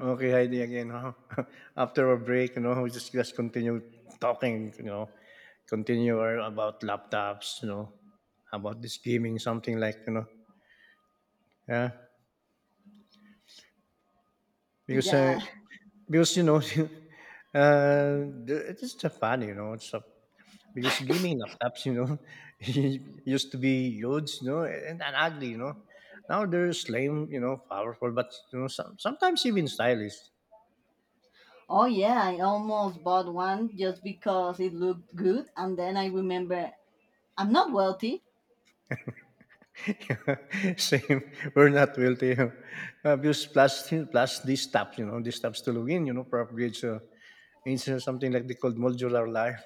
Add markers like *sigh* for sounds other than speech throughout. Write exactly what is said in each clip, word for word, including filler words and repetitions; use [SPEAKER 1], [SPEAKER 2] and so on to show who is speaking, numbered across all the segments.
[SPEAKER 1] Okay, Heidi, again, huh? *laughs* After a break, you know, we just just continue talking, you know, continue our- about laptops, you know, about this gaming, something like, you know, yeah, because uh,
[SPEAKER 2] Yeah.
[SPEAKER 1] because you know, *laughs* uh, the- it's just a fun, you know, it's a, because gaming laptops, you know, *laughs* used to be huge, you know, and, and ugly, you know. Now they're slim, you know, powerful, but you know, some, sometimes even stylish.
[SPEAKER 2] Oh, yeah. I almost bought one just because it looked good. And then I remember I'm not wealthy.
[SPEAKER 1] *laughs* Same. We're not guilty. Uh, because plus, plus these stops, you know, these stops to log in, you know, probably it's, uh, it's uh, something like they called modular life.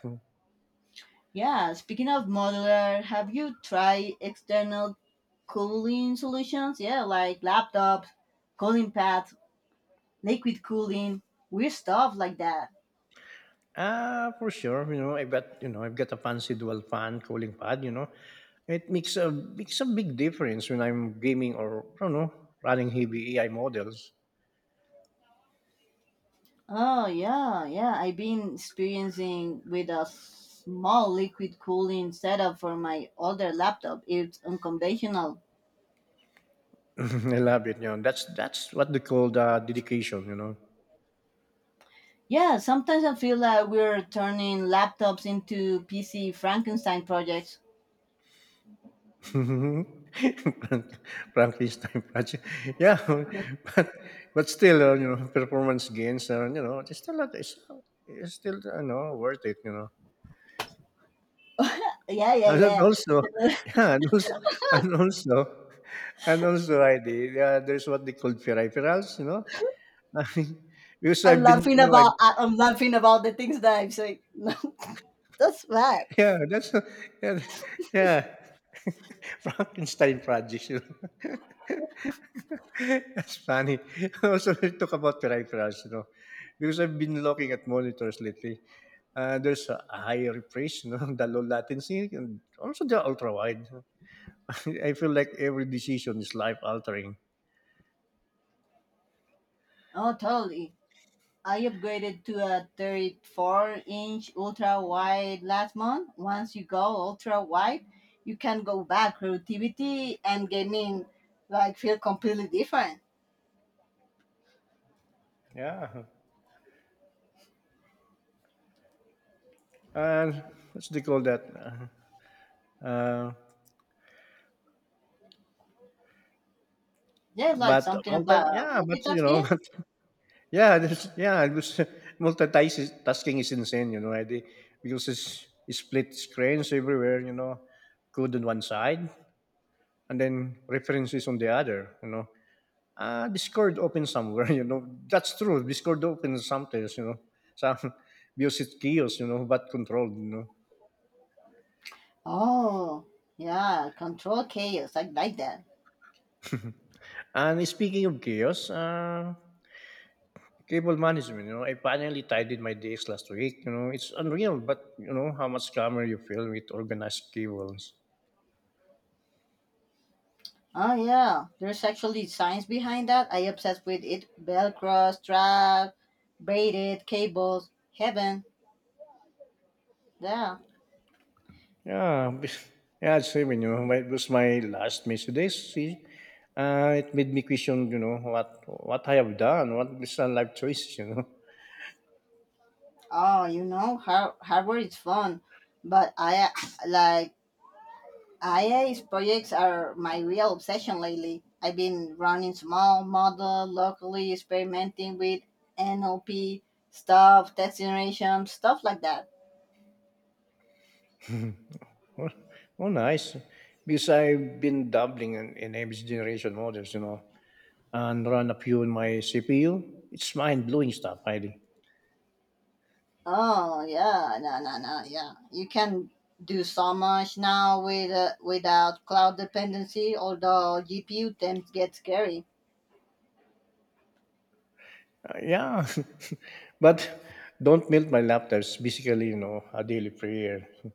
[SPEAKER 2] Yeah. Speaking of modular, have you tried external cooling solutions? Yeah, like laptops, cooling pads, liquid cooling, weird stuff like that.
[SPEAKER 1] Ah, for sure. You know, I've got, you know, I've got a fancy dual fan cooling pad, you know. It makes a, makes a big difference when I'm gaming or, I don't know, running heavy A I models.
[SPEAKER 2] Oh, yeah. Yeah. I've been experiencing with a small liquid cooling setup for my older laptop. It's unconventional.
[SPEAKER 1] *laughs* I love it, you know. That's, that's what they call the dedication, you know.
[SPEAKER 2] Yeah, sometimes I feel like we're turning laptops into P C Frankenstein projects.
[SPEAKER 1] Mhm. *laughs* Frank Frankenstein project. *laughs* Yeah, *laughs* but but still, uh, you know, performance gains, uh, you know, it's still, a- it's, it's still, you know, worth it, you know.
[SPEAKER 2] Yeah, yeah,
[SPEAKER 1] And then
[SPEAKER 2] yeah.
[SPEAKER 1] also, *laughs* yeah, and also, and also, and also, I did, uh, there's what they call peripherals, you know. *laughs* Because
[SPEAKER 2] I'm
[SPEAKER 1] I've been,
[SPEAKER 2] laughing
[SPEAKER 1] you know, I've
[SPEAKER 2] about I- I'm laughing about the things that I'm saying. *laughs* That's bad.
[SPEAKER 1] Yeah, that's *laughs* a, yeah, yeah. *laughs* Frankenstein projects, you know. *laughs* That's funny. *laughs* Also, we talk about peripherals, you know, because I've been looking at monitors lately. Uh, there's a higher refresh, you know, *laughs* the low latency, and also the ultra wide. *laughs* I feel like every decision is life altering.
[SPEAKER 2] Oh, totally. I upgraded to a thirty-four inch ultra wide last month. Once you go ultra wide, you can go back. Productivity and gaming like feel completely different.
[SPEAKER 1] Yeah. And what's they call that? Uh, uh,
[SPEAKER 2] There's like
[SPEAKER 1] but
[SPEAKER 2] something
[SPEAKER 1] multi,
[SPEAKER 2] about
[SPEAKER 1] yeah, but you know,
[SPEAKER 2] multitasking.
[SPEAKER 1] *laughs* Yeah, there's, yeah, it was *laughs* multitasking is tasking is insane, you know, I did- Because it's, it split screens everywhere, you know, code on one side and then references on the other, you know. Uh, Discord open somewhere, *laughs* you know. That's true. Discord open sometimes, you know. Some *laughs* Because it's chaos, you know, but controlled, you know.
[SPEAKER 2] Oh, yeah, control chaos. I like that.
[SPEAKER 1] And speaking of chaos, uh, cable management, you know, I finally tidied my days last week. You know, it's unreal, but you know how much calmer you feel with organized cables.
[SPEAKER 2] Oh, yeah, there's actually science behind that. I obsessed with it. Velcro, strap, braided cables, heaven. Yeah.
[SPEAKER 1] Yeah, *laughs* yeah, same. You know, it was my last Mercedes. See, uh, it made me question. You know what what I have done. What is a life choice. You know,
[SPEAKER 2] Oh, you know, har- hardware is fun, but I *sighs* like I A's projects are my real obsession lately. I've been running small model locally, experimenting with N L P stuff, test generation stuff like that.
[SPEAKER 1] *laughs* oh, oh, nice. Because I've been dabbling in, in every generation models. You know, and run a few in my C P U. It's mind blowing stuff, really.
[SPEAKER 2] Oh yeah, no, no, no, yeah. You can do so much now with uh, without cloud dependency. Although G P U temps get scary.
[SPEAKER 1] Uh, yeah, *laughs* but don't melt my laptops. Basically, you know, a daily prayer. *laughs*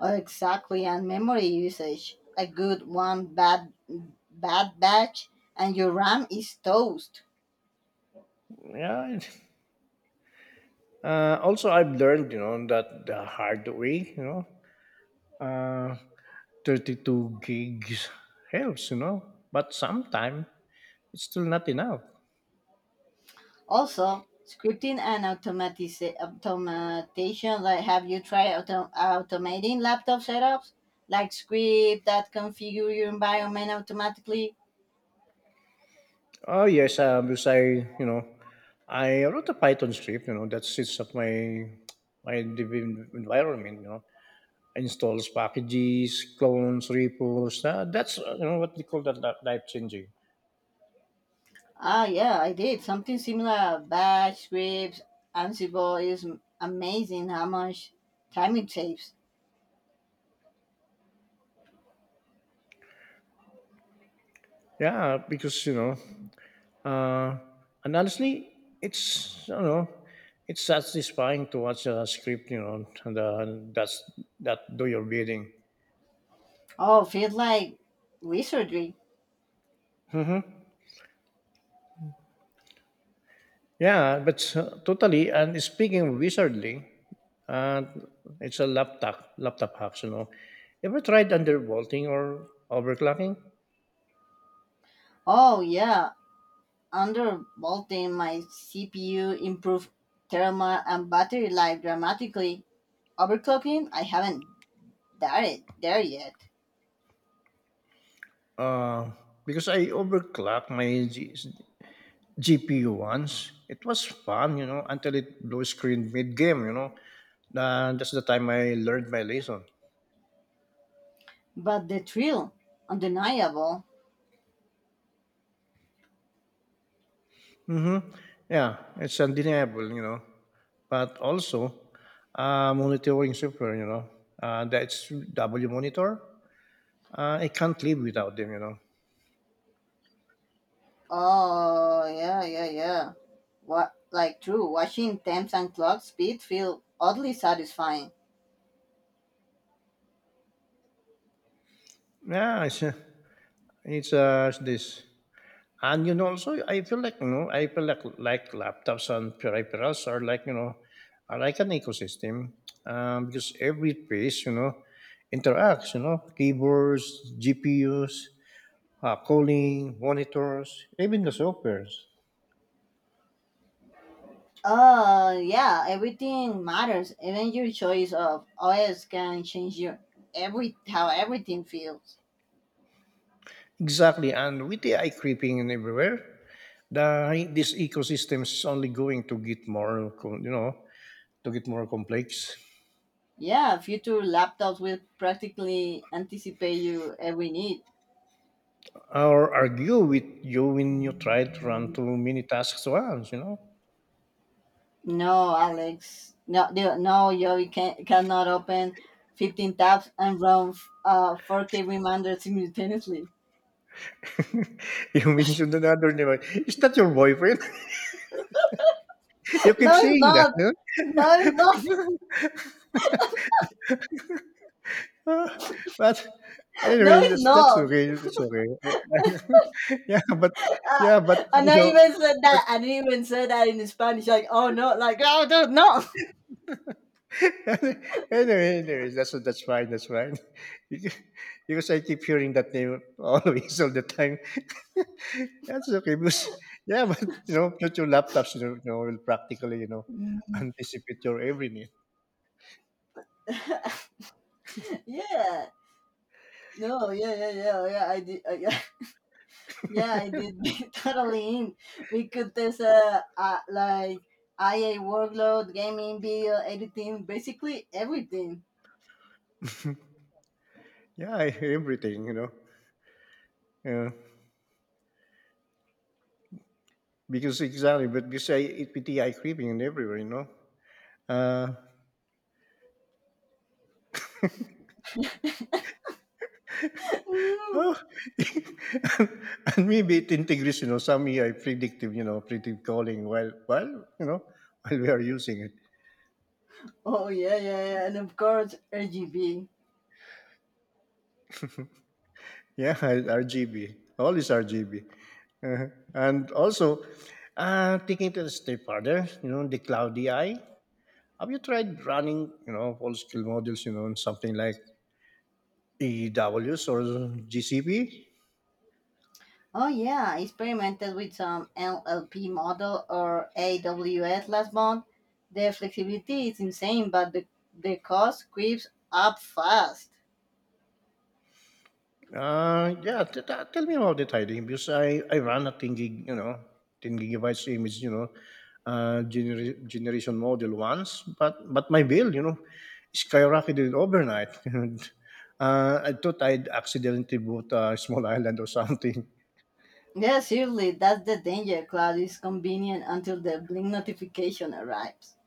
[SPEAKER 2] Oh, exactly, and memory usage. A good one bad bad batch, and your RAM is toast.
[SPEAKER 1] Yeah. it- Uh, also, I've learned, you know, that the hard way, you know, uh, thirty-two gigs helps, you know, but sometimes it's still not enough.
[SPEAKER 2] Also, scripting and automatiza- automation. Like, have you tried auto- automating laptop setups? Like script that configure your environment automatically.
[SPEAKER 1] Oh, yes, uh, because I, you know, I wrote a Python script, you know, that sits at my my dev environment, you know, installs packages, clones, repos. Uh, that's, uh, you know, what they call that life changing.
[SPEAKER 2] Ah, yeah, I did something similar. Bash scripts, Ansible is m- amazing how much time it saves.
[SPEAKER 1] Yeah, because, you know, Uh, and honestly, it's you know, it's satisfying to watch a script, you know, and uh, and that's that do your bidding.
[SPEAKER 2] Oh, feels like wizardry.
[SPEAKER 1] Hmm. Yeah, but uh, totally. And speaking wizardly, uh, it's a laptop laptop hacks. You know, ever tried undervolting or overclocking?
[SPEAKER 2] Oh, yeah, under bolting my C P U improved thermal and battery life dramatically. Overclocking, I haven't done it there yet.
[SPEAKER 1] Uh, because I overclock my G- GPU once. It was fun, you know, until it blew screen mid game, you know. Uh, that's the time I learned my lesson.
[SPEAKER 2] But the thrill, undeniable.
[SPEAKER 1] Hmm. Yeah, it's undeniable, you know. But also, uh, monitoring software, you know, uh, that's W monitor. Uh, I can't live without them, you know.
[SPEAKER 2] Oh, yeah, yeah, yeah, what like true watching temps and clock speed feel oddly satisfying.
[SPEAKER 1] Yeah, it's, it's uh, it's this. And you know, also I feel like you know, I feel like like laptops and peripherals are like you know, are like an ecosystem, um, because every piece you know interacts. You know, keyboards, G P Us, uh, calling, monitors, even the softwares.
[SPEAKER 2] Uh, yeah, everything matters. Even your choice of O S can change your every how everything feels.
[SPEAKER 1] Exactly, and with A I creeping in everywhere, the this ecosystem is only going to get more, co- you know, to get more complex.
[SPEAKER 2] Yeah, future laptops will practically anticipate you every need.
[SPEAKER 1] Or argue with you when you try to run too many tasks at once, you know.
[SPEAKER 2] No, Alex. No, the- no, yo, you can cannot open fifteen tabs and run uh four K reminders simultaneously. *laughs*
[SPEAKER 1] *laughs* You mentioned another name, right? Is that your boyfriend? *laughs* You keep
[SPEAKER 2] No, it's
[SPEAKER 1] saying that,
[SPEAKER 2] not.
[SPEAKER 1] no?
[SPEAKER 2] No, it's not.
[SPEAKER 1] *laughs* Uh, But
[SPEAKER 2] *laughs* No,
[SPEAKER 1] Anyway,
[SPEAKER 2] it's
[SPEAKER 1] that's that's
[SPEAKER 2] not.
[SPEAKER 1] okay, that's okay. *laughs* Yeah, but yeah,
[SPEAKER 2] Ah,
[SPEAKER 1] but,
[SPEAKER 2] I and
[SPEAKER 1] you
[SPEAKER 2] I
[SPEAKER 1] know,
[SPEAKER 2] even said
[SPEAKER 1] but
[SPEAKER 2] that, I didn't even say that in Spanish, like, oh no, like, oh no, no.
[SPEAKER 1] *laughs* Anyway, anyways, that's that's fine, that's fine. *laughs* Because I keep hearing that name *laughs* always all the time. *laughs* That's okay because yeah, but, you know, future laptops, you know you know, will practically, you know,
[SPEAKER 2] Mm.
[SPEAKER 1] anticipate your every need.
[SPEAKER 2] *laughs* Yeah, no, yeah, yeah, yeah, oh, yeah, I did, uh, yeah, *laughs* yeah, I did *laughs* totally in. We could test, uh, uh like, I A workload, gaming, video, editing, basically everything. *laughs*
[SPEAKER 1] *laughs* Yeah, everything, you know. Yeah, because exactly, but because say it with the eye creeping and everywhere, you know. Uh,
[SPEAKER 2] Yeah.
[SPEAKER 1] oh, *laughs* and and maybe it integrates, you know, some A I predictive, you know, predictive calling while while you know *laughs* while we are using it.
[SPEAKER 2] Oh, yeah, yeah, yeah, and of course, R G B.
[SPEAKER 1] Yeah, *laughs* R G B, all is R G B, uh and also uh, taking it a step further, you know, the cloud A I. Have you tried running, you know, full scale models, you know, on something like A W S or G C P?
[SPEAKER 2] Oh yeah, I experimented with some N L P model or A W S last month. The flexibility is insane, but the, the cost creeps up fast.
[SPEAKER 1] Uh, yeah, t- t- tell me about the tidying because I, I run a ten gig, you know, ten gigabytes image, you know, uh, gener- generation model once, but but my bill, you know, skyrocketed overnight. *laughs* uh, I thought I'd accidentally bought a small *laughs* island or something.
[SPEAKER 2] Yeah, seriously, that's the danger. Cloud is convenient until the blink notification arrives.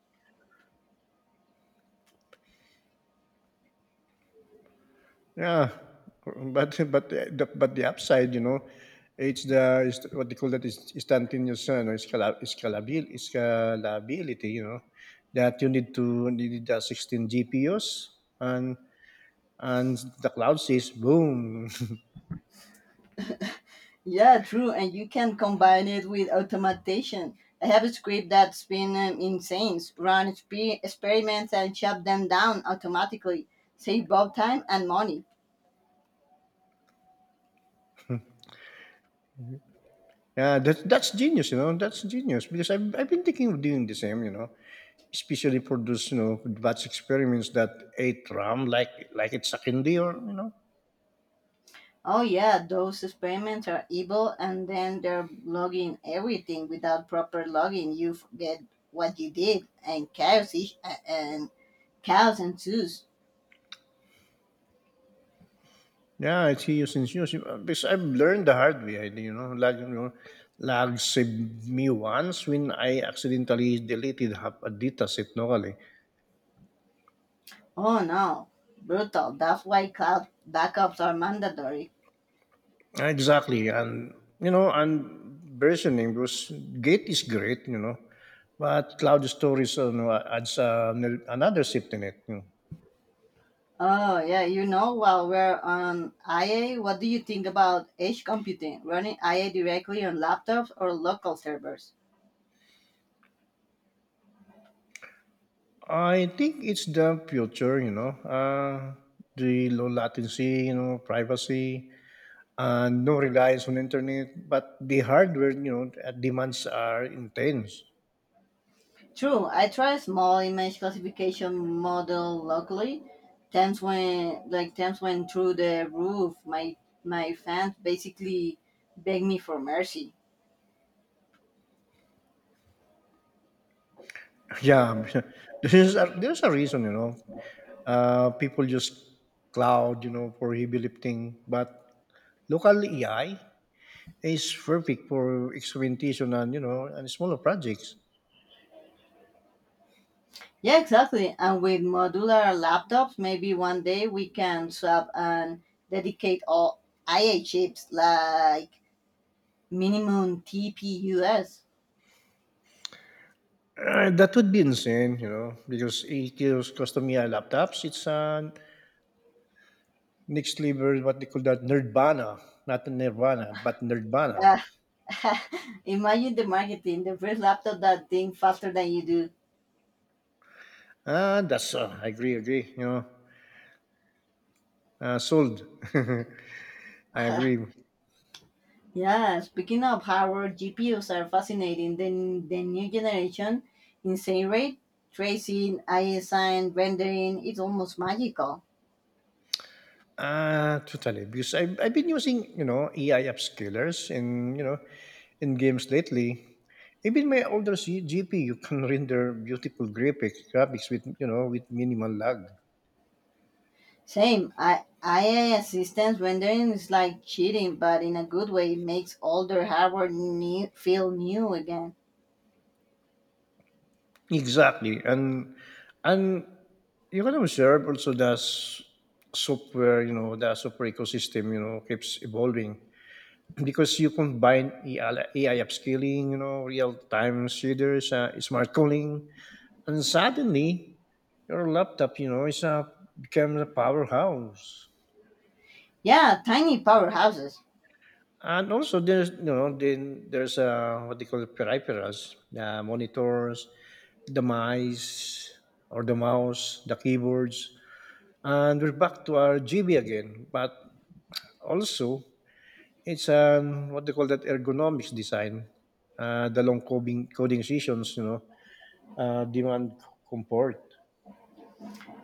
[SPEAKER 1] Yeah, but but the but the upside, you know, it's the is what they call that is instantaneous, you know, scala- scalabil- scalability, you know, that you need to need the sixteen G P Us and and the cloud says boom.
[SPEAKER 2] Yeah, true, and you can combine it with automation. I have a script that's been um, insane. Run exper- experiments and shut them down automatically. Save both time and money.
[SPEAKER 1] *laughs* yeah, that that's genius, you know, that's genius because I've I've been thinking of doing the same, you know, especially for those you know batch experiments that ate RAM like like it's a candy or you know.
[SPEAKER 2] Oh yeah, those experiments are evil and then they're logging everything without proper logging. You forget what you did and chaos is- and chaos ensues.
[SPEAKER 1] Yeah, it's Hio since Hio. Because I've learned the hard way, I- you know, lag, you know, lag saved me once when I accidentally deleted half a data set locally.
[SPEAKER 2] Oh no. Brutal. That's why cloud backups are mandatory.
[SPEAKER 1] Exactly, and you know, and versioning because Git is great, you know, but cloud storage you know, adds uh, another safety net. You know.
[SPEAKER 2] Oh yeah, you know while we're on I A, what do you think about edge computing? Running I A directly on laptops or local servers?
[SPEAKER 1] I think it's the future, you know, uh, the low latency, you know, privacy, and no reliance on internet, but the hardware, you know, uh, demands are intense.
[SPEAKER 2] True, I try a small image classification model locally. Times when like times when through the roof, my my fans basically begged me for mercy.
[SPEAKER 1] *laughs* Yeah, *laughs* there's a, there's a reason, you know. Uh, people use cloud, you know, for heavy lifting, but local A I is perfect for experimentation and you know and smaller projects.
[SPEAKER 2] Yeah, exactly. And with modular laptops, maybe one day we can swap and dedicate all I A chips like minimum T P Us.
[SPEAKER 1] Uh, that would be insane, you know, because it gives custom A I laptops. It's an next level, what they call that nerdvana, not nirvana, but nerdvana.
[SPEAKER 2] Uh, *laughs* imagine the marketing, the first laptop that think faster than you do.
[SPEAKER 1] Uh, that's uh, I agree, agree. You know, uh, sold. *laughs* I agree.
[SPEAKER 2] *laughs* Yeah, speaking of hardware, G P Us are fascinating. The, the new generation, insane rate, tracing, A I sign, rendering, it's almost magical.
[SPEAKER 1] Uh, totally. Because I, I've been using, you know, A I upscalers in, you know, in games lately. Even my older G- GPU can render beautiful graphics, graphics with, you know, with minimal lag.
[SPEAKER 2] Same, I, A I assistance rendering is like cheating, but in a good way, it makes older hardware new, feel new again.
[SPEAKER 1] Exactly. And, and you can observe also that s- software, you know, the software ecosystem, you know, keeps evolving. Because you combine AI, A I upskilling, you know, real time shaders, uh, smart calling, and suddenly your laptop, you know, is a becomes a powerhouse.
[SPEAKER 2] Yeah, tiny powerhouses.
[SPEAKER 1] And also, there's you know, then there's uh, what they call the peripherals, the monitors, the mice or the mouse, the keyboards, and we're back to our G B again. But also, it's an what they call that ergonomics design. Uh, the long coding coding sessions, you know, uh, demand comfort.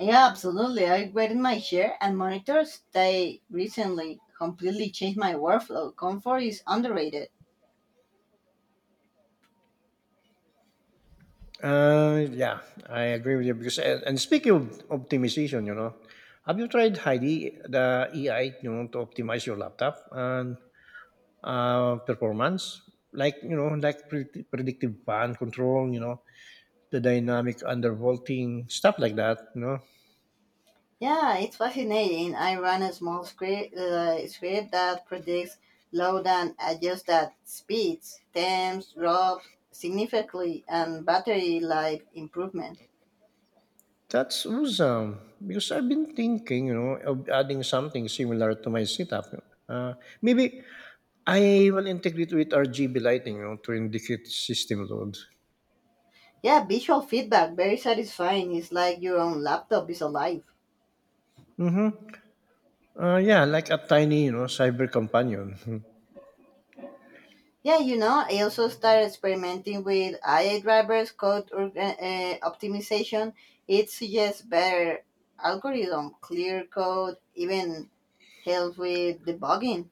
[SPEAKER 2] Yeah, absolutely. I upgraded my chair and monitors. They recently completely changed my workflow. Comfort is underrated.
[SPEAKER 1] Uh, yeah, I agree with you because and, and speaking of optimization, you know, have you tried Heidi the A I, you know, to optimize your laptop and uh, performance, like you know, like predict- predictive fan control, you know, the dynamic undervolting stuff like that, you know.
[SPEAKER 2] Yeah, it's fascinating. I run a small script, uh, script that predicts load and adjusts at speeds, temps, drops significantly, and battery life improvement.
[SPEAKER 1] That's awesome, because I've been thinking, you know, of adding something similar to my setup. Uh, Maybe I will integrate with R G B lighting, you know, to indicate system load.
[SPEAKER 2] Yeah, visual feedback, very satisfying. It's like your own laptop is alive.
[SPEAKER 1] Mm-hmm. Uh, yeah, like a tiny, you know, cyber companion. *laughs*
[SPEAKER 2] Yeah, you know, I also started experimenting with I A drivers, code org- uh, optimization. It suggests better algorithm, clear code, even helps with debugging.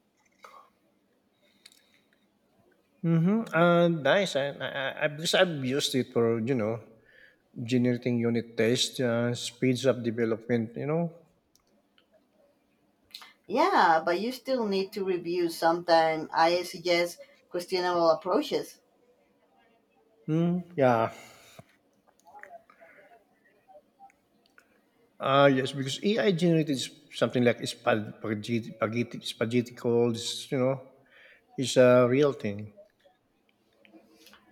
[SPEAKER 1] Mm-hmm. Uh, nice. I, I, I, I- because I've used it for, you know, generating unit tests, uh, speeds up development, you know.
[SPEAKER 2] Yeah, but you still need to review sometime. I suggest questionable approaches.
[SPEAKER 1] Mm, yeah. Ah, yes, because A I generated s- something like spag- spaghetti, spaghetti, spaghetti calls, you know, is a real thing.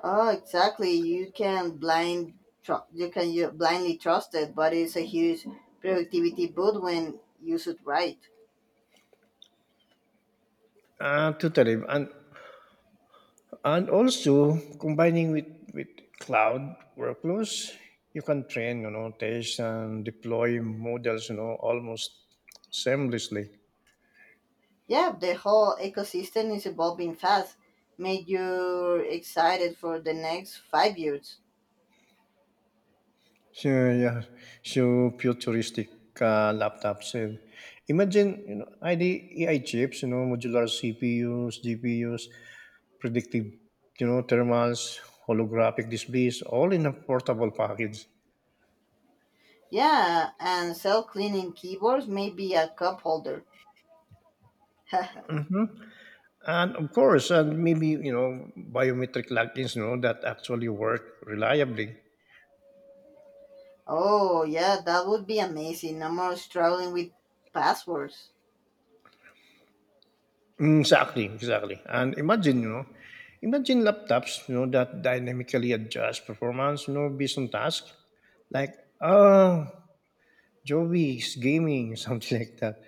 [SPEAKER 2] Oh, exactly. You can blind tr- you can you blindly trust it, but it's a huge productivity boot when used right.
[SPEAKER 1] Uh, totally. And, and also combining with, with cloud workflows, you can train, you know, test and deploy models, you know, almost seamlessly.
[SPEAKER 2] Yeah, the whole ecosystem is evolving fast. Make you excited for the next five years.
[SPEAKER 1] So, yeah, so futuristic uh, laptops. And imagine, you know, I D A I chips, you know, modular C P Us, G P Us, predictive, you know, thermals, holographic displays, all in a portable package.
[SPEAKER 2] Yeah, and self-cleaning keyboards may be a cup holder. *laughs*
[SPEAKER 1] And of course, and maybe, you know, biometric logins, you know, that actually work reliably.
[SPEAKER 2] Oh, yeah, that would be amazing. No more struggling with passwords.
[SPEAKER 1] Mm, exactly, exactly. And imagine, you know, imagine laptops, you know, that dynamically adjust performance, you know, based on task. Like, oh, Joby's gaming, *laughs* something like that.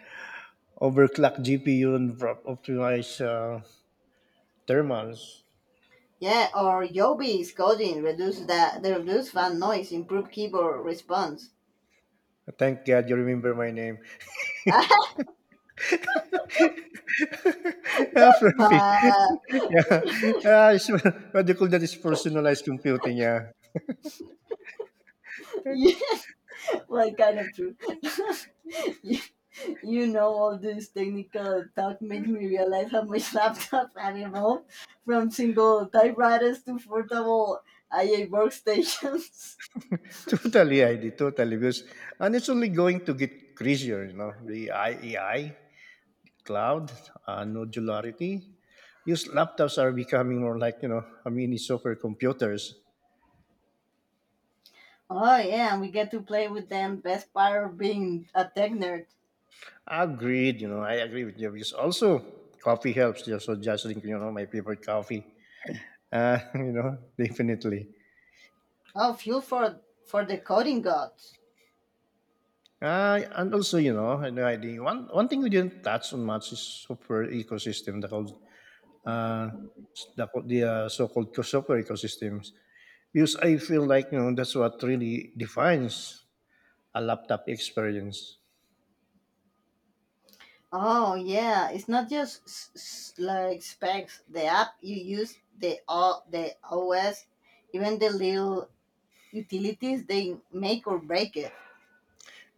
[SPEAKER 1] Overclock G P U and pro- optimize uh, thermals.
[SPEAKER 2] Yeah, or Yobi's coding reduce the, the reduce fan noise, improve keyboard response.
[SPEAKER 1] Thank God you remember my name.
[SPEAKER 2] *laughs*
[SPEAKER 1] *laughs* Yeah,
[SPEAKER 2] That's
[SPEAKER 1] Fluffy. *laughs*
[SPEAKER 2] bad.
[SPEAKER 1] Yeah.
[SPEAKER 2] *laughs*
[SPEAKER 1] Yeah, it's, *laughs* what they call that is personalized computing. Yeah,
[SPEAKER 2] Yeah, well, kind of true. *laughs* you, you know, all this technical talk make me realize how much *laughs* laptops have evolved from single typewriters to portable I A workstations. *laughs*
[SPEAKER 1] *laughs* totally, I did totally because and it's only going to get crazier. You know, the A I, cloud, uh, modularity. These laptops are becoming more like, you know, a mini software computers.
[SPEAKER 2] Oh yeah, and we get to play with them. Best part of being a tech nerd.
[SPEAKER 1] Agreed. You know, I agree with you because also coffee helps. Yeah, so just drink, you know, my favorite coffee. Uh, *laughs* you know, definitely.
[SPEAKER 2] Oh, fuel for for the coding gods.
[SPEAKER 1] Uh, and also, you know, and riding. One one thing we didn't touch on much is software ecosystem, the called uh, s- the, co- the uh, so-called co- software ecosystems, because I feel like, you know, that's what really defines a laptop experience.
[SPEAKER 2] Oh yeah, it's not just s- s- like specs. The app you use, the o- the O S, even the little utilities they make or break it.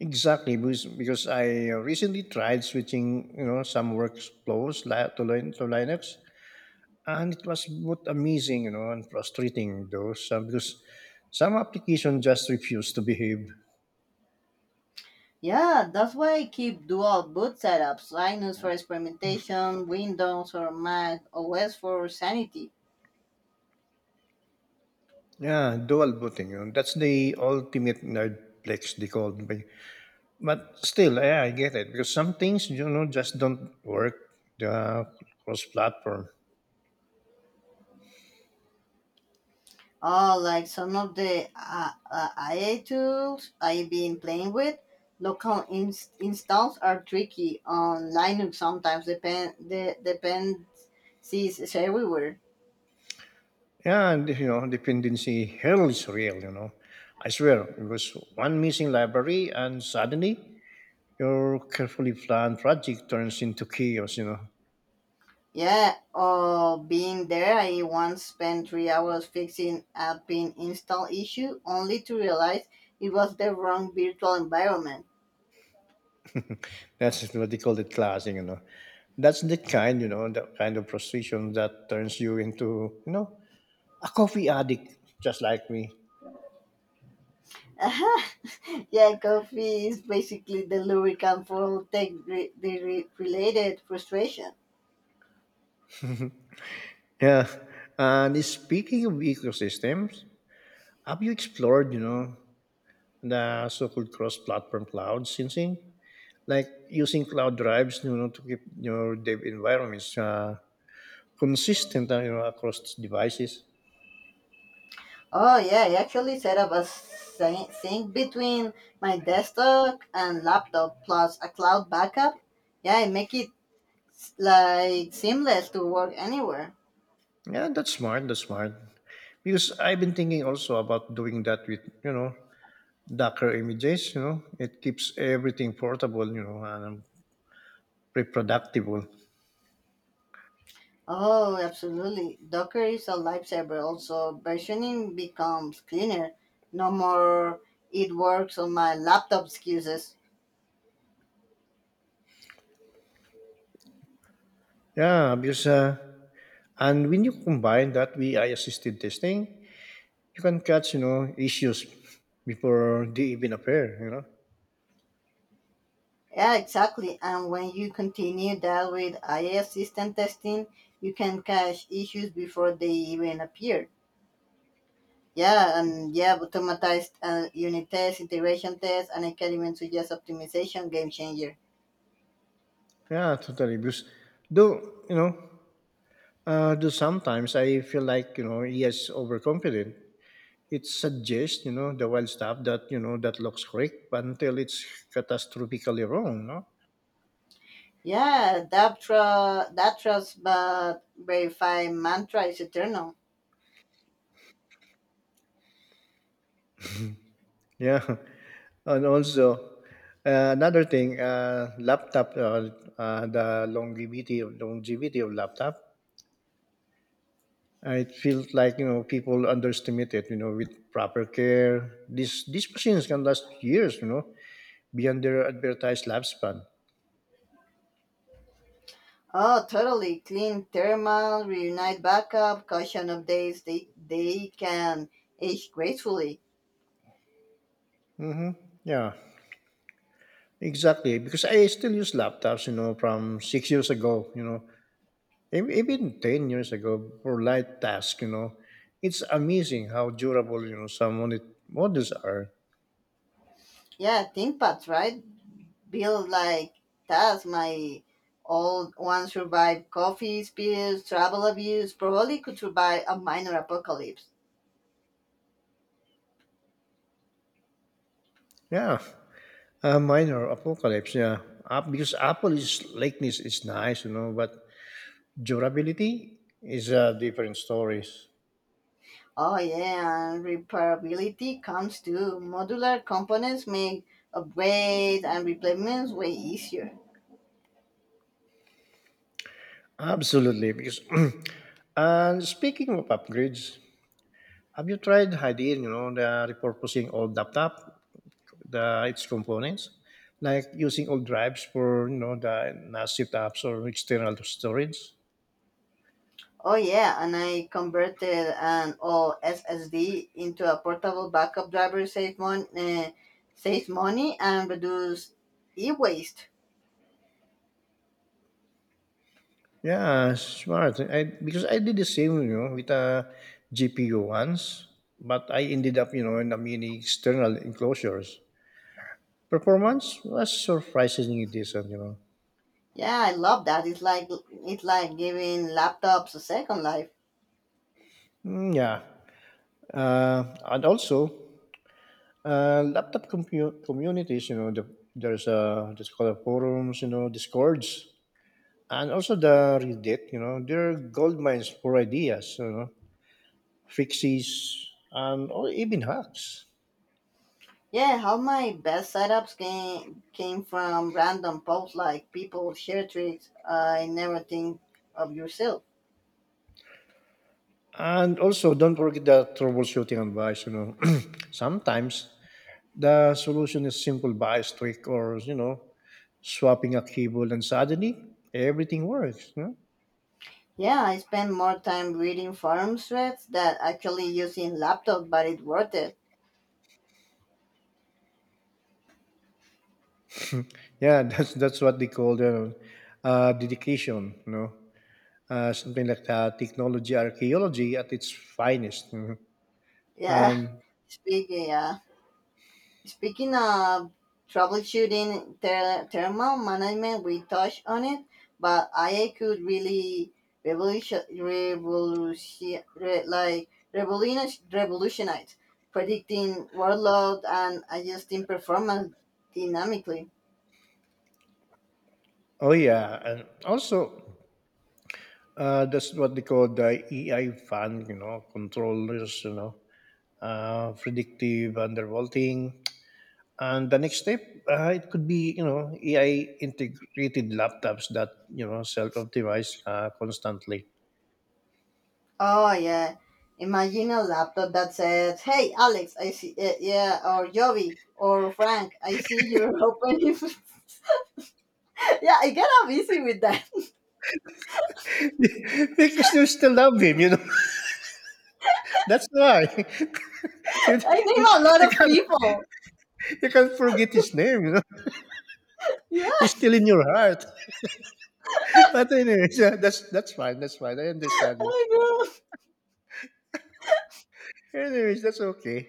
[SPEAKER 1] Exactly, because, because I recently tried switching, you know, some workflows li- to, Lin- to Linux, and it was both amazing, you know, and frustrating though, so, because some application just refused to behave.
[SPEAKER 2] Yeah, that's why I keep dual boot setups: Linux for experimentation, Windows or Mac O S for sanity.
[SPEAKER 1] Yeah, dual booting. You know, that's the ultimate nerdplex they called me. But still, yeah, I get it because some things, you know, just don't work uh, cross-platform.
[SPEAKER 2] Oh, like some of the uh, uh, I A tools I've been playing with. Local inst- installs are tricky on Linux sometimes. Depend the dependencies is everywhere.
[SPEAKER 1] Yeah, and you know, dependency hell is real. You know, I swear it was one missing library, and suddenly your carefully planned project turns into chaos, you know.
[SPEAKER 2] Yeah. Oh, being there, I once spent three hours fixing a pin install issue, only to realize it was the wrong virtual environment.
[SPEAKER 1] That's what they call it classing, you know. That's the kind, you know, the kind of frustration that turns you into, you know, a coffee addict just like me.
[SPEAKER 2] Uh-huh. *laughs* Yeah, coffee is basically the lubricant for tech re- the re- related frustration.
[SPEAKER 1] Yeah. And speaking of ecosystems, have you explored, you know, the so-called cross-platform cloud syncing, like using cloud drives, you know, to keep your dev environments uh, consistent, uh, you know, across devices?
[SPEAKER 2] Oh yeah, I actually set up a syn- sync between my desktop and laptop plus a cloud backup. Yeah, I make it s- like seamless to work anywhere.
[SPEAKER 1] Yeah, that's smart. That's smart. Because I've been thinking also about doing that with, you know, Docker images. You know, it keeps everything portable, you know, and reproducible.
[SPEAKER 2] Oh, absolutely. Docker is a lifesaver. Also, versioning becomes cleaner. No more it works on my laptop excuses.
[SPEAKER 1] Yeah, because. Uh, And when you combine that with A I assisted testing, you can catch, you know, issues before they even appear, you know.
[SPEAKER 2] Yeah, exactly. And when you continue that with I I S system testing, you can catch issues before they even appear. Yeah, and yeah, automatized uh, unit tests, integration tests, and I can even suggest optimization, game changer.
[SPEAKER 1] Yeah, totally. Because though, you know, uh, though sometimes I feel like, you know, he is overconfident. It suggests, you know, the wild stuff that, you know, that looks correct but until it's catastrophically wrong, no?
[SPEAKER 2] Yeah, that trust, that trust, but verify mantra is eternal.
[SPEAKER 1] Yeah. *laughs* And also, uh, another thing, uh, laptop, uh, uh, the longevity of longevity of laptop. Uh, it feels like, you know, people underestimate it. You know, with proper care, these these machines can last years, you know, beyond their advertised lifespan.
[SPEAKER 2] Oh, totally clean thermal, reunite backup, caution updates. They they can age gracefully.
[SPEAKER 1] Mm-hmm. Yeah, exactly. Because I still use laptops, you know, from six years ago. You know, e- even ten years ago for light tasks. You know, it's amazing how durable, you know, some of the models are.
[SPEAKER 2] Yeah, ThinkPads, right? Build like tasks, my old one survived coffee spills, travel abuse. Probably could survive a minor apocalypse.
[SPEAKER 1] Yeah, a minor apocalypse. Yeah, App because Apple is likeness is nice, you know, but durability is a different story.
[SPEAKER 2] Oh yeah, and repairability comes too. Modular components make upgrades and replacements way easier.
[SPEAKER 1] Absolutely, because *clears throat* and speaking of upgrades, have you tried hiding, you know, the repurposing old laptop, the its components, like using old drives for, you know, the N A S setups or external storage?
[SPEAKER 2] Oh yeah, and I converted an old S S D into a portable backup driver, save mon- uh, saves money and reduce e-waste.
[SPEAKER 1] Yeah, smart. I because I did the same, you know, with a G P U once, but I ended up, you know, in a mini external enclosures. Performance was surprisingly decent, you know.
[SPEAKER 2] Yeah, I love that. It's like it's like giving laptops a second life.
[SPEAKER 1] Mm, yeah, uh, and also uh, laptop commu- communities, you know. The, there's a there's called a forums, you know, Discords, and also the Reddit. You know, they're gold mines for ideas, you know, fixes and or even hacks.
[SPEAKER 2] Yeah, how my best setups came came from random posts like people share tricks I never think of yourself.
[SPEAKER 1] And also, don't forget the troubleshooting advice. You know, *clears throat* sometimes the solution is simple bias tweak or, you know, swapping a cable, and suddenly everything works, you know?
[SPEAKER 2] Yeah, I spend more time reading forum threads that actually using laptop, but it's worth it.
[SPEAKER 1] Yeah, *laughs* that's that's what they call the uh, dedication, you know, uh, something like that, technology archaeology at its finest, you know.
[SPEAKER 2] Yeah,
[SPEAKER 1] And
[SPEAKER 2] *laughs* speaking. Yeah. Speaking of troubleshooting ther- thermal management, we touched on it, but A I could really revolution, revolution re- like revolutionize, revolutionize predicting workload and adjusting performance dynamically.
[SPEAKER 1] oh yeah, and also, uh, that's what they call the A I fan, you know, controllers, you know, uh, predictive undervolting. And the next step, uh, it could be, you know, A I integrated laptops that, you know, self optimize uh, constantly.
[SPEAKER 2] Oh yeah, imagine a laptop that says, "Hey Alex, I see uh, yeah," or "Jovi," or "Frank, I see you're opening." *laughs* Yeah, I get up easy with that. *laughs*
[SPEAKER 1] *laughs* Because you still love him, you know. That's why *laughs* you,
[SPEAKER 2] I name a lot
[SPEAKER 1] you
[SPEAKER 2] of
[SPEAKER 1] can't
[SPEAKER 2] people.
[SPEAKER 1] you can't forget his name. You know,
[SPEAKER 2] Yeah,
[SPEAKER 1] he's still in your heart. *laughs* But anyways, yeah, that's that's fine. That's fine. I understand you.
[SPEAKER 2] I know.
[SPEAKER 1] Anyways, that's okay.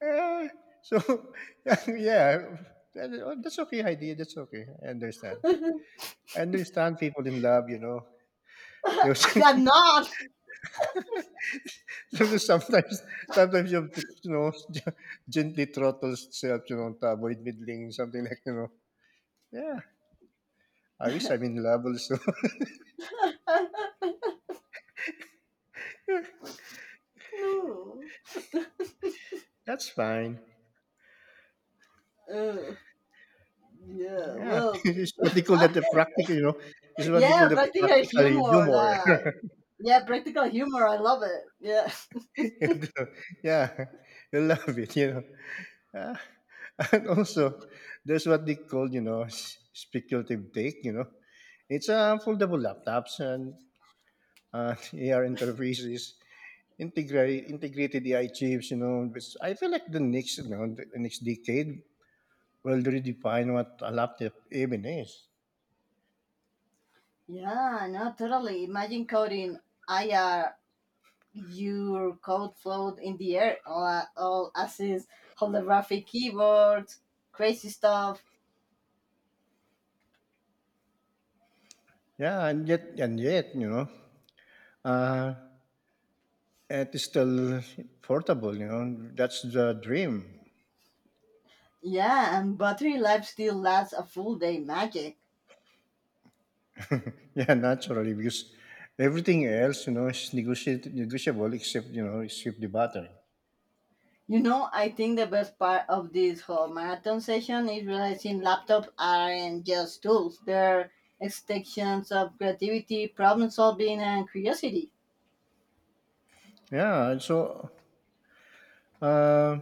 [SPEAKER 1] Uh, so *laughs* yeah, that- oh, that's okay, idea. That's okay. I understand.
[SPEAKER 2] *laughs*
[SPEAKER 1] I understand people in love, you know. You-
[SPEAKER 2] I'm not.
[SPEAKER 1] *laughs* sometimes sometimes you have to, you know, *laughs* gently throttle yourself, you know, to avoid middling something, like, you know. Yeah, I wish I'm in love also.
[SPEAKER 2] *laughs*
[SPEAKER 1] *laughs*
[SPEAKER 2] No.
[SPEAKER 1] That's fine.
[SPEAKER 2] Uh, yeah,
[SPEAKER 1] Yeah. *laughs*
[SPEAKER 2] well,
[SPEAKER 1] This what they call
[SPEAKER 2] uh,
[SPEAKER 1] that the practical, you know. This is what they call
[SPEAKER 2] yeah,
[SPEAKER 1] the
[SPEAKER 2] practical
[SPEAKER 1] practical
[SPEAKER 2] humor.
[SPEAKER 1] humor.
[SPEAKER 2] That, yeah, practical humor. I love it. Yeah.
[SPEAKER 1] *laughs* Yeah. You love it, you know. Ah, and also, there's what they call, you know, s- speculative take, you know. It's uh, foldable laptops and uh, *laughs* A R interfaces, integrate, integrated A I chips, you know, which I feel like the next, you know, the next decade will redefine what a laptop even is.
[SPEAKER 2] Yeah, no, totally. Imagine coding I R, your code float in the air, all, all assist, holographic keyboards, crazy stuff.
[SPEAKER 1] Yeah, and yet, and yet, you know, Uh, it is still portable, you know. That's the dream.
[SPEAKER 2] Yeah, and battery life still lasts a full day. Magic.
[SPEAKER 1] *laughs* Yeah, naturally, because everything else, you know, is negotiate, negotiable except, you know, except the battery.
[SPEAKER 2] You know, I think the best part of this whole marathon session is realizing laptops aren't just tools, they're extensions of creativity, problem solving, and curiosity.
[SPEAKER 1] Yeah, and so uh,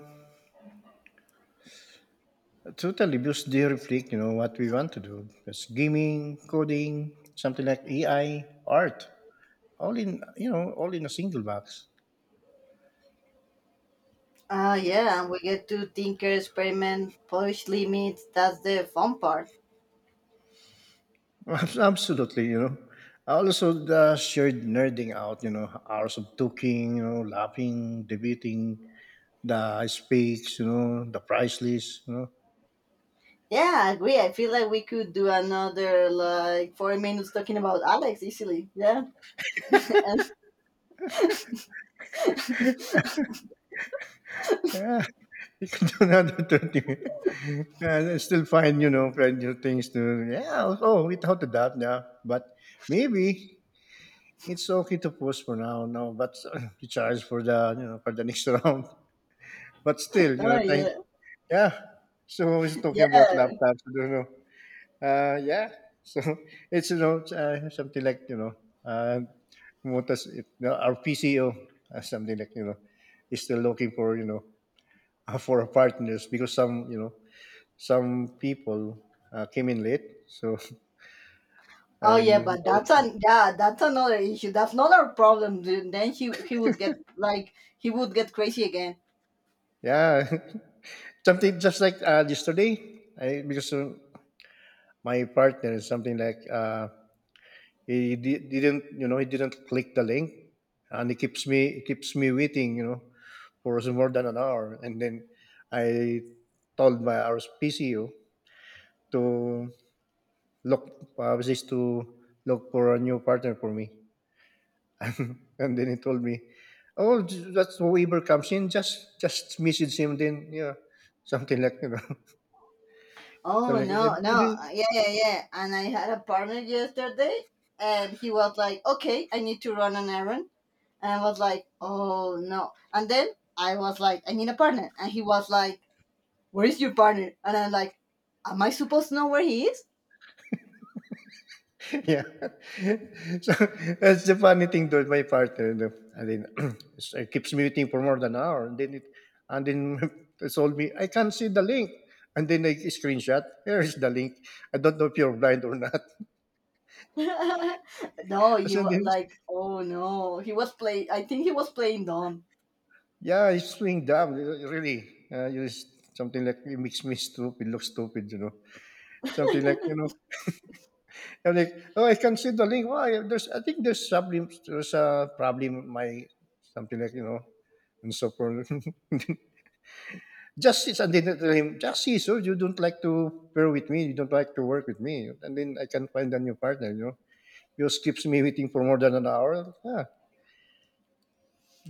[SPEAKER 1] totally, because they reflect, you know, what we want to do. That's gaming, coding, something like A I, art, all in, you know, all in a single box.
[SPEAKER 2] Ah, yeah, and we get to tinker, experiment, push limits. That's the fun part.
[SPEAKER 1] *laughs* Absolutely, you know. I also the shared nerding out, you know, hours of talking, you know, laughing, debating, the speaks, you know, the price list, you know.
[SPEAKER 2] Yeah, I agree. I feel like we could do another like four minutes talking about Alex easily. Yeah. *laughs*
[SPEAKER 1] Yeah, *laughs* you can do another *laughs* twenty minutes. And I still find, you know, find new things to, yeah, oh, without a doubt, yeah. But maybe it's okay to pause for now, no, but *laughs* recharge for the, you know, for the next *laughs* round. But still, you know, thank,
[SPEAKER 2] Oh
[SPEAKER 1] yeah. So we're talking
[SPEAKER 2] yeah.
[SPEAKER 1] about laptops, I don't know. Uh, yeah. So *laughs* it's, you know, uh, something like, you know, uh, what does it, no, our P C O, uh, something like, you know, is still looking for, you know, *laughs* for a partners because some, you know, some people uh, came in late, so *laughs*
[SPEAKER 2] Oh yeah,
[SPEAKER 1] and
[SPEAKER 2] but that's an yeah, that's another issue. That's not our problem. Dude. Then he he would get like he would get crazy again.
[SPEAKER 1] yeah *laughs* something just like, uh, yesterday I, because uh, my partner is something like, uh, he di- didn't, you know, he didn't click the link, and he keeps me he keeps me waiting, you know, for more than an hour, and then I told my rspco to look, uh, was this to look for a new partner for me, *laughs* and then he told me, oh, j- that's whoever comes in, just just message him, then yeah, something like, you know, *laughs*
[SPEAKER 2] Oh
[SPEAKER 1] something
[SPEAKER 2] no,
[SPEAKER 1] like
[SPEAKER 2] no,
[SPEAKER 1] that.
[SPEAKER 2] yeah, yeah, yeah. And I had a partner yesterday, and he was like, "Okay, I need to run an errand," and I was like, "Oh no!" And then I was like, "I need a partner," and he was like, "Where is your partner?" And I'm like, "Am I supposed to know where he is?"
[SPEAKER 1] Yeah. *laughs* So that's the funny thing though, my partner. The, and then *clears throat* it's- it keeps muting for more than an hour. And then it and then *laughs* it told me, I can't see the link. And then I screenshot, here is the link. I don't know if you're blind or not. *laughs*
[SPEAKER 2] *laughs* No,
[SPEAKER 1] So
[SPEAKER 2] you
[SPEAKER 1] then,
[SPEAKER 2] like, oh no, he was play. I think he was playing dumb.
[SPEAKER 1] yeah, it's swing dumb, really. Uh, you just, something like it makes me stupid, look stupid, you know. Something like, you know,
[SPEAKER 2] *laughs*
[SPEAKER 1] I'm like, oh, I can see the link. Why? There's, I think there's problem. There's a problem. My something like, you know, and so forth. *laughs* Justice, and then tell him, Justice, oh, you don't like to pair with me, you don't like to work with me, and then I can find a new partner, you know. You keeps me waiting for more than an hour. Yeah.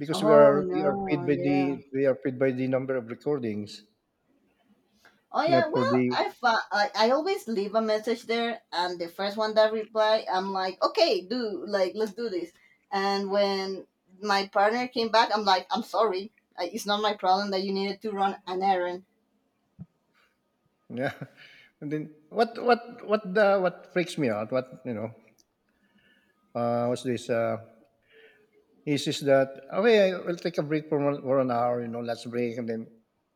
[SPEAKER 1] Because we
[SPEAKER 2] Oh
[SPEAKER 1] are we are
[SPEAKER 2] no,
[SPEAKER 1] paid by
[SPEAKER 2] yeah.
[SPEAKER 1] the we are paid by the number of recordings,
[SPEAKER 2] Oh
[SPEAKER 1] not
[SPEAKER 2] yeah,
[SPEAKER 1] for
[SPEAKER 2] well,
[SPEAKER 1] the
[SPEAKER 2] I, fa- I I always leave a message there and the first one that reply, I'm like, "Okay, do like let's do this." And when my partner came back, I'm like, "I'm sorry. I, it's not my problem that you needed to run an errand."
[SPEAKER 1] yeah. *laughs* And then what what what the what freaks me out, what you know, uh what's this uh is is that, okay, I will take a break for one, for an hour, you know, let's break, and then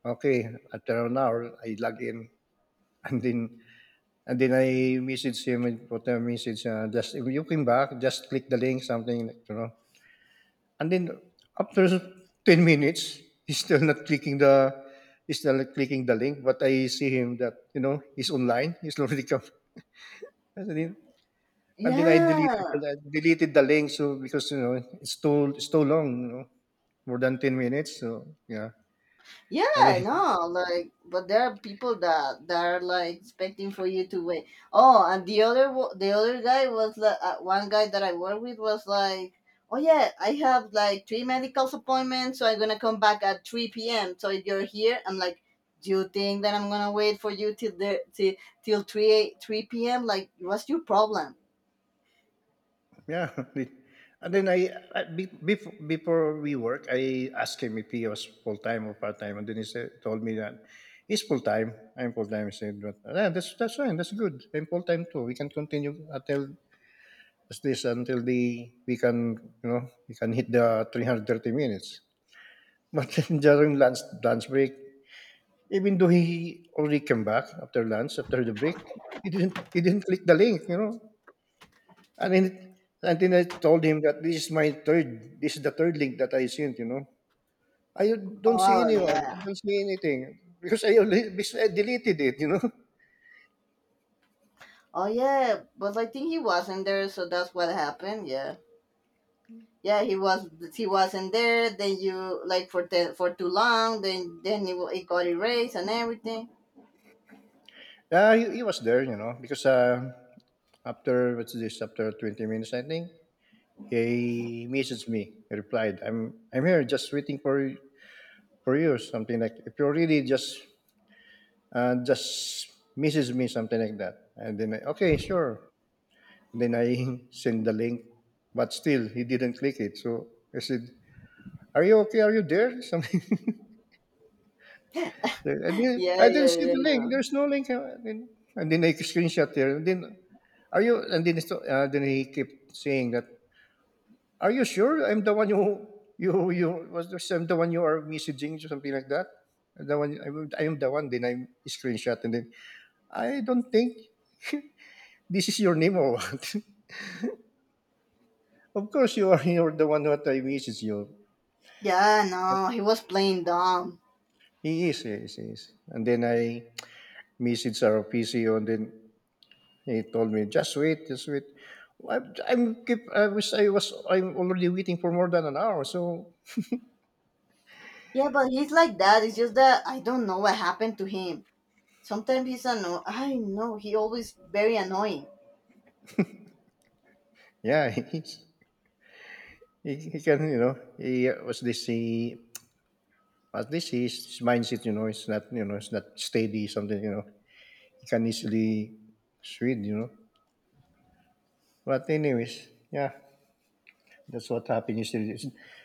[SPEAKER 1] okay, after an hour I log in *laughs* and then And then I messaged him and put a message, uh, just if you came back, just click the link, something, like, you know. And then after ten minutes, he's still not clicking the, he's still not clicking the link, but I see him that, you know, he's online, *laughs* he's already come. And then, and then I deleted,
[SPEAKER 2] Yeah.
[SPEAKER 1] the- deleted the link, so because, you know, it's too, it's too long, you know, more than ten minutes. So, yeah. And
[SPEAKER 2] Yeah,
[SPEAKER 1] then
[SPEAKER 2] no, like, but there are people that that are like expecting for you to wait. Oh, and the other wo- the other guy was like uh, one guy that I work with was like, oh yeah, I have like three medical appointments, so I'm gonna come back at three p m. So if you're here, I'm like, do you think that I'm gonna wait for you till the till till three eight- three p m. Like, what's your problem?
[SPEAKER 1] yeah. *laughs* And then I, I be- before, before we work, I asked him if he was full time or part time, and then he said, told me that he's full time. I'm full time. I said, but yeah, that's that's fine. That's good. I'm full time too. We can continue until as this until the we can, you know, we can hit the three hundred thirty minutes. *laughs* But then during lunch lunch break, even though he already came back after lunch after the break, he didn't he didn't click the link. You know, and then, and then I told him that this is my third, this is the third link that I sent, you know. I don't see
[SPEAKER 2] Oh
[SPEAKER 1] anyone, I
[SPEAKER 2] yeah,
[SPEAKER 1] don't see anything because I, only, because I deleted it, you know. *laughs*
[SPEAKER 2] oh yeah, but I think he wasn't there, so that's what happened. Yeah. Yeah, he was he wasn't there then you like for the, for too long, then then it, wa- it got erased and everything.
[SPEAKER 1] Uh, he, he was there, you know, because uh, after, what's this, after twenty minutes, I think, he messaged me, he replied, I'm, I'm here just waiting for, you- for you, something like, if you are really just, uh, just message me, something like that. And then, I, okay, sure. Then I *laughs* sent the link, but still he didn't click it. So I said, "Are you okay? Are you there?" *laughs* Something. I
[SPEAKER 2] *laughs*
[SPEAKER 1] didn't.
[SPEAKER 2] Yeah, yeah,
[SPEAKER 1] I didn't see
[SPEAKER 2] yeah,
[SPEAKER 1] the
[SPEAKER 2] yeah.
[SPEAKER 1] link. There's no link. And then, and then I screenshot there. And then, are you? And then, it's- uh, then he kept saying that, "Are you sure I'm the one you you you was this, I'm the one you are messaging or something like that?" I'm The one I'm, I'm the one. Then I screenshot and then I don't think *laughs* this is your name or what. *laughs* Of course you are. You're the one that I message you.
[SPEAKER 2] Yeah, no, he was playing dumb.
[SPEAKER 1] He is, he is, he is. And then I messaged our P C O, and then he told me, "Just wait, just wait." I'm, I'm keep, I wish I was. I'm already waiting for more than an hour. So
[SPEAKER 2] Yeah, but he's like that, it's just that I don't know what happened to him. Sometimes he's anno- I know he always very annoying.
[SPEAKER 1] yeah, *laughs* he's, he he can, you know, he, uh, was this he, at least his, his mindset, you know, it's not, you know, it's not steady something, you know, he can easily switch, you know. But anyways, yeah, that's what happened yesterday.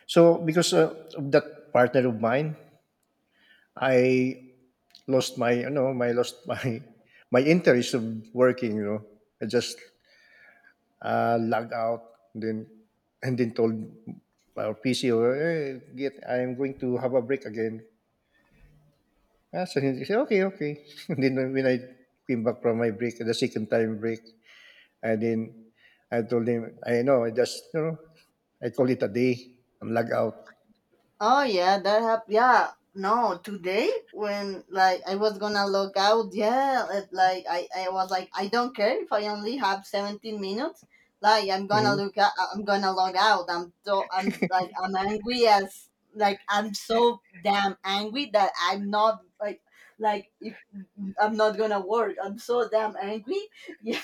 [SPEAKER 1] So because uh, of that partner of mine, I lost my, you know, my lost my *laughs* my interest of working, you know. I just uh logged out and then and then told our PC or, hey, get, I'm going to have a break again. Ah, so he said, okay, okay, *laughs* and then when I came back from my break, the second time break and then I told him, I know, I just, you know, I call it a day, I'm log out.
[SPEAKER 2] Oh yeah, that happened. Yeah, no, today when like I was gonna log out, yeah, it, like I, I was like I don't care if I only have seventeen minutes. Like I'm gonna
[SPEAKER 1] Mhm.
[SPEAKER 2] look out. I'm gonna log out. I'm so I'm like I'm angry as like I'm so damn angry that I'm not like like if I'm not gonna work. I'm so damn angry. *laughs* Yeah,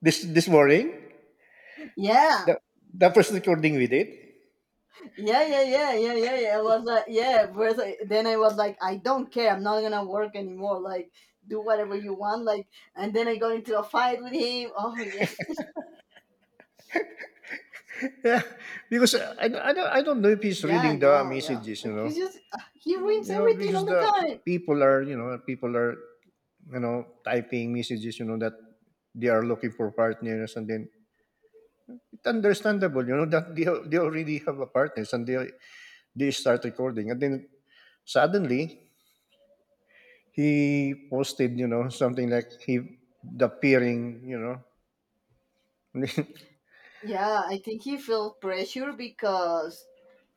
[SPEAKER 1] this this morning,
[SPEAKER 2] yeah.
[SPEAKER 1] the the first recording we did.
[SPEAKER 2] Yeah, yeah, yeah, yeah, yeah, yeah. It was like, yeah. First, I- then I was like, I don't care. I'm not gonna work anymore. Like, do whatever you want. Like, and then I got into a fight with him. Oh yeah,
[SPEAKER 1] Yeah, *laughs* because I, I, don't, I don't know if
[SPEAKER 2] *laughs*
[SPEAKER 1] he's
[SPEAKER 2] yeah,
[SPEAKER 1] reading the
[SPEAKER 2] no, yeah.
[SPEAKER 1] messages, you
[SPEAKER 2] Like,
[SPEAKER 1] know.
[SPEAKER 2] he's just uh, he ruins
[SPEAKER 1] You know,
[SPEAKER 2] everything all
[SPEAKER 1] because
[SPEAKER 2] the
[SPEAKER 1] the
[SPEAKER 2] time.
[SPEAKER 1] people are, you know, people are, you know, typing messages, you know, that they are looking for partners, and then it's understandable, you know, that they, al- they already have a partners, and they, they start recording. And then suddenly he posted, you know, something like he, the peering, you know. *laughs*
[SPEAKER 2] Yeah, I think he felt pressure because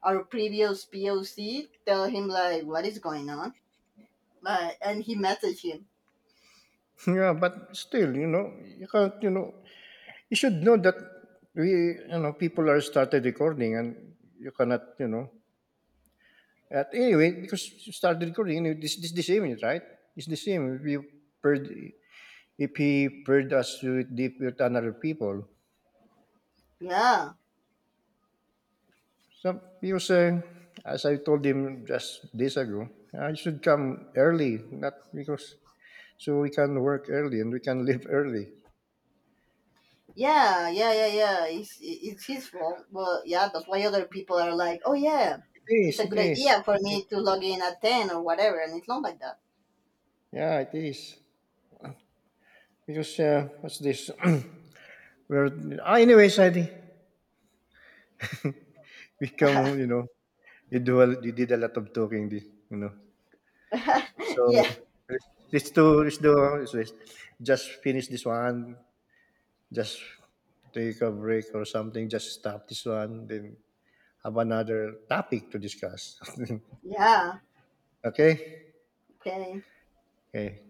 [SPEAKER 2] our previous P O C tell him like what is going on, like, and he messaged him.
[SPEAKER 1] Yeah, but still, you know, you can't, you know, you should know that we, you know, people are started recording and you cannot, you know. At anyway, because you started recording, you know, this this the same, right? It's the same. If you heard, if he heard us with, the- with another people,
[SPEAKER 2] Yeah,
[SPEAKER 1] so he was saying, as I told him just days ago, I should come early, not because so we can work early and we can leave early.
[SPEAKER 2] yeah, yeah, yeah, yeah. It's it's his fault. Well, yeah, that's why other people are like, oh yeah,
[SPEAKER 1] It
[SPEAKER 2] it's
[SPEAKER 1] is,
[SPEAKER 2] a
[SPEAKER 1] it
[SPEAKER 2] good
[SPEAKER 1] is,
[SPEAKER 2] idea for me to log in at ten or whatever, and it's not like that.
[SPEAKER 1] yeah, it is, because uh, what's this? *clears throat* Well, ah, anyways, I become, you know, you do a, you did a lot of talking, di- you know.
[SPEAKER 2] *laughs* Yeah,
[SPEAKER 1] So let's let's do let's do let's, let's just finish this one. Just take a break or something. Just stop this one. Then have another topic to discuss.
[SPEAKER 2] yeah.
[SPEAKER 1] *laughs* Okay.
[SPEAKER 2] Okay.
[SPEAKER 1] Okay.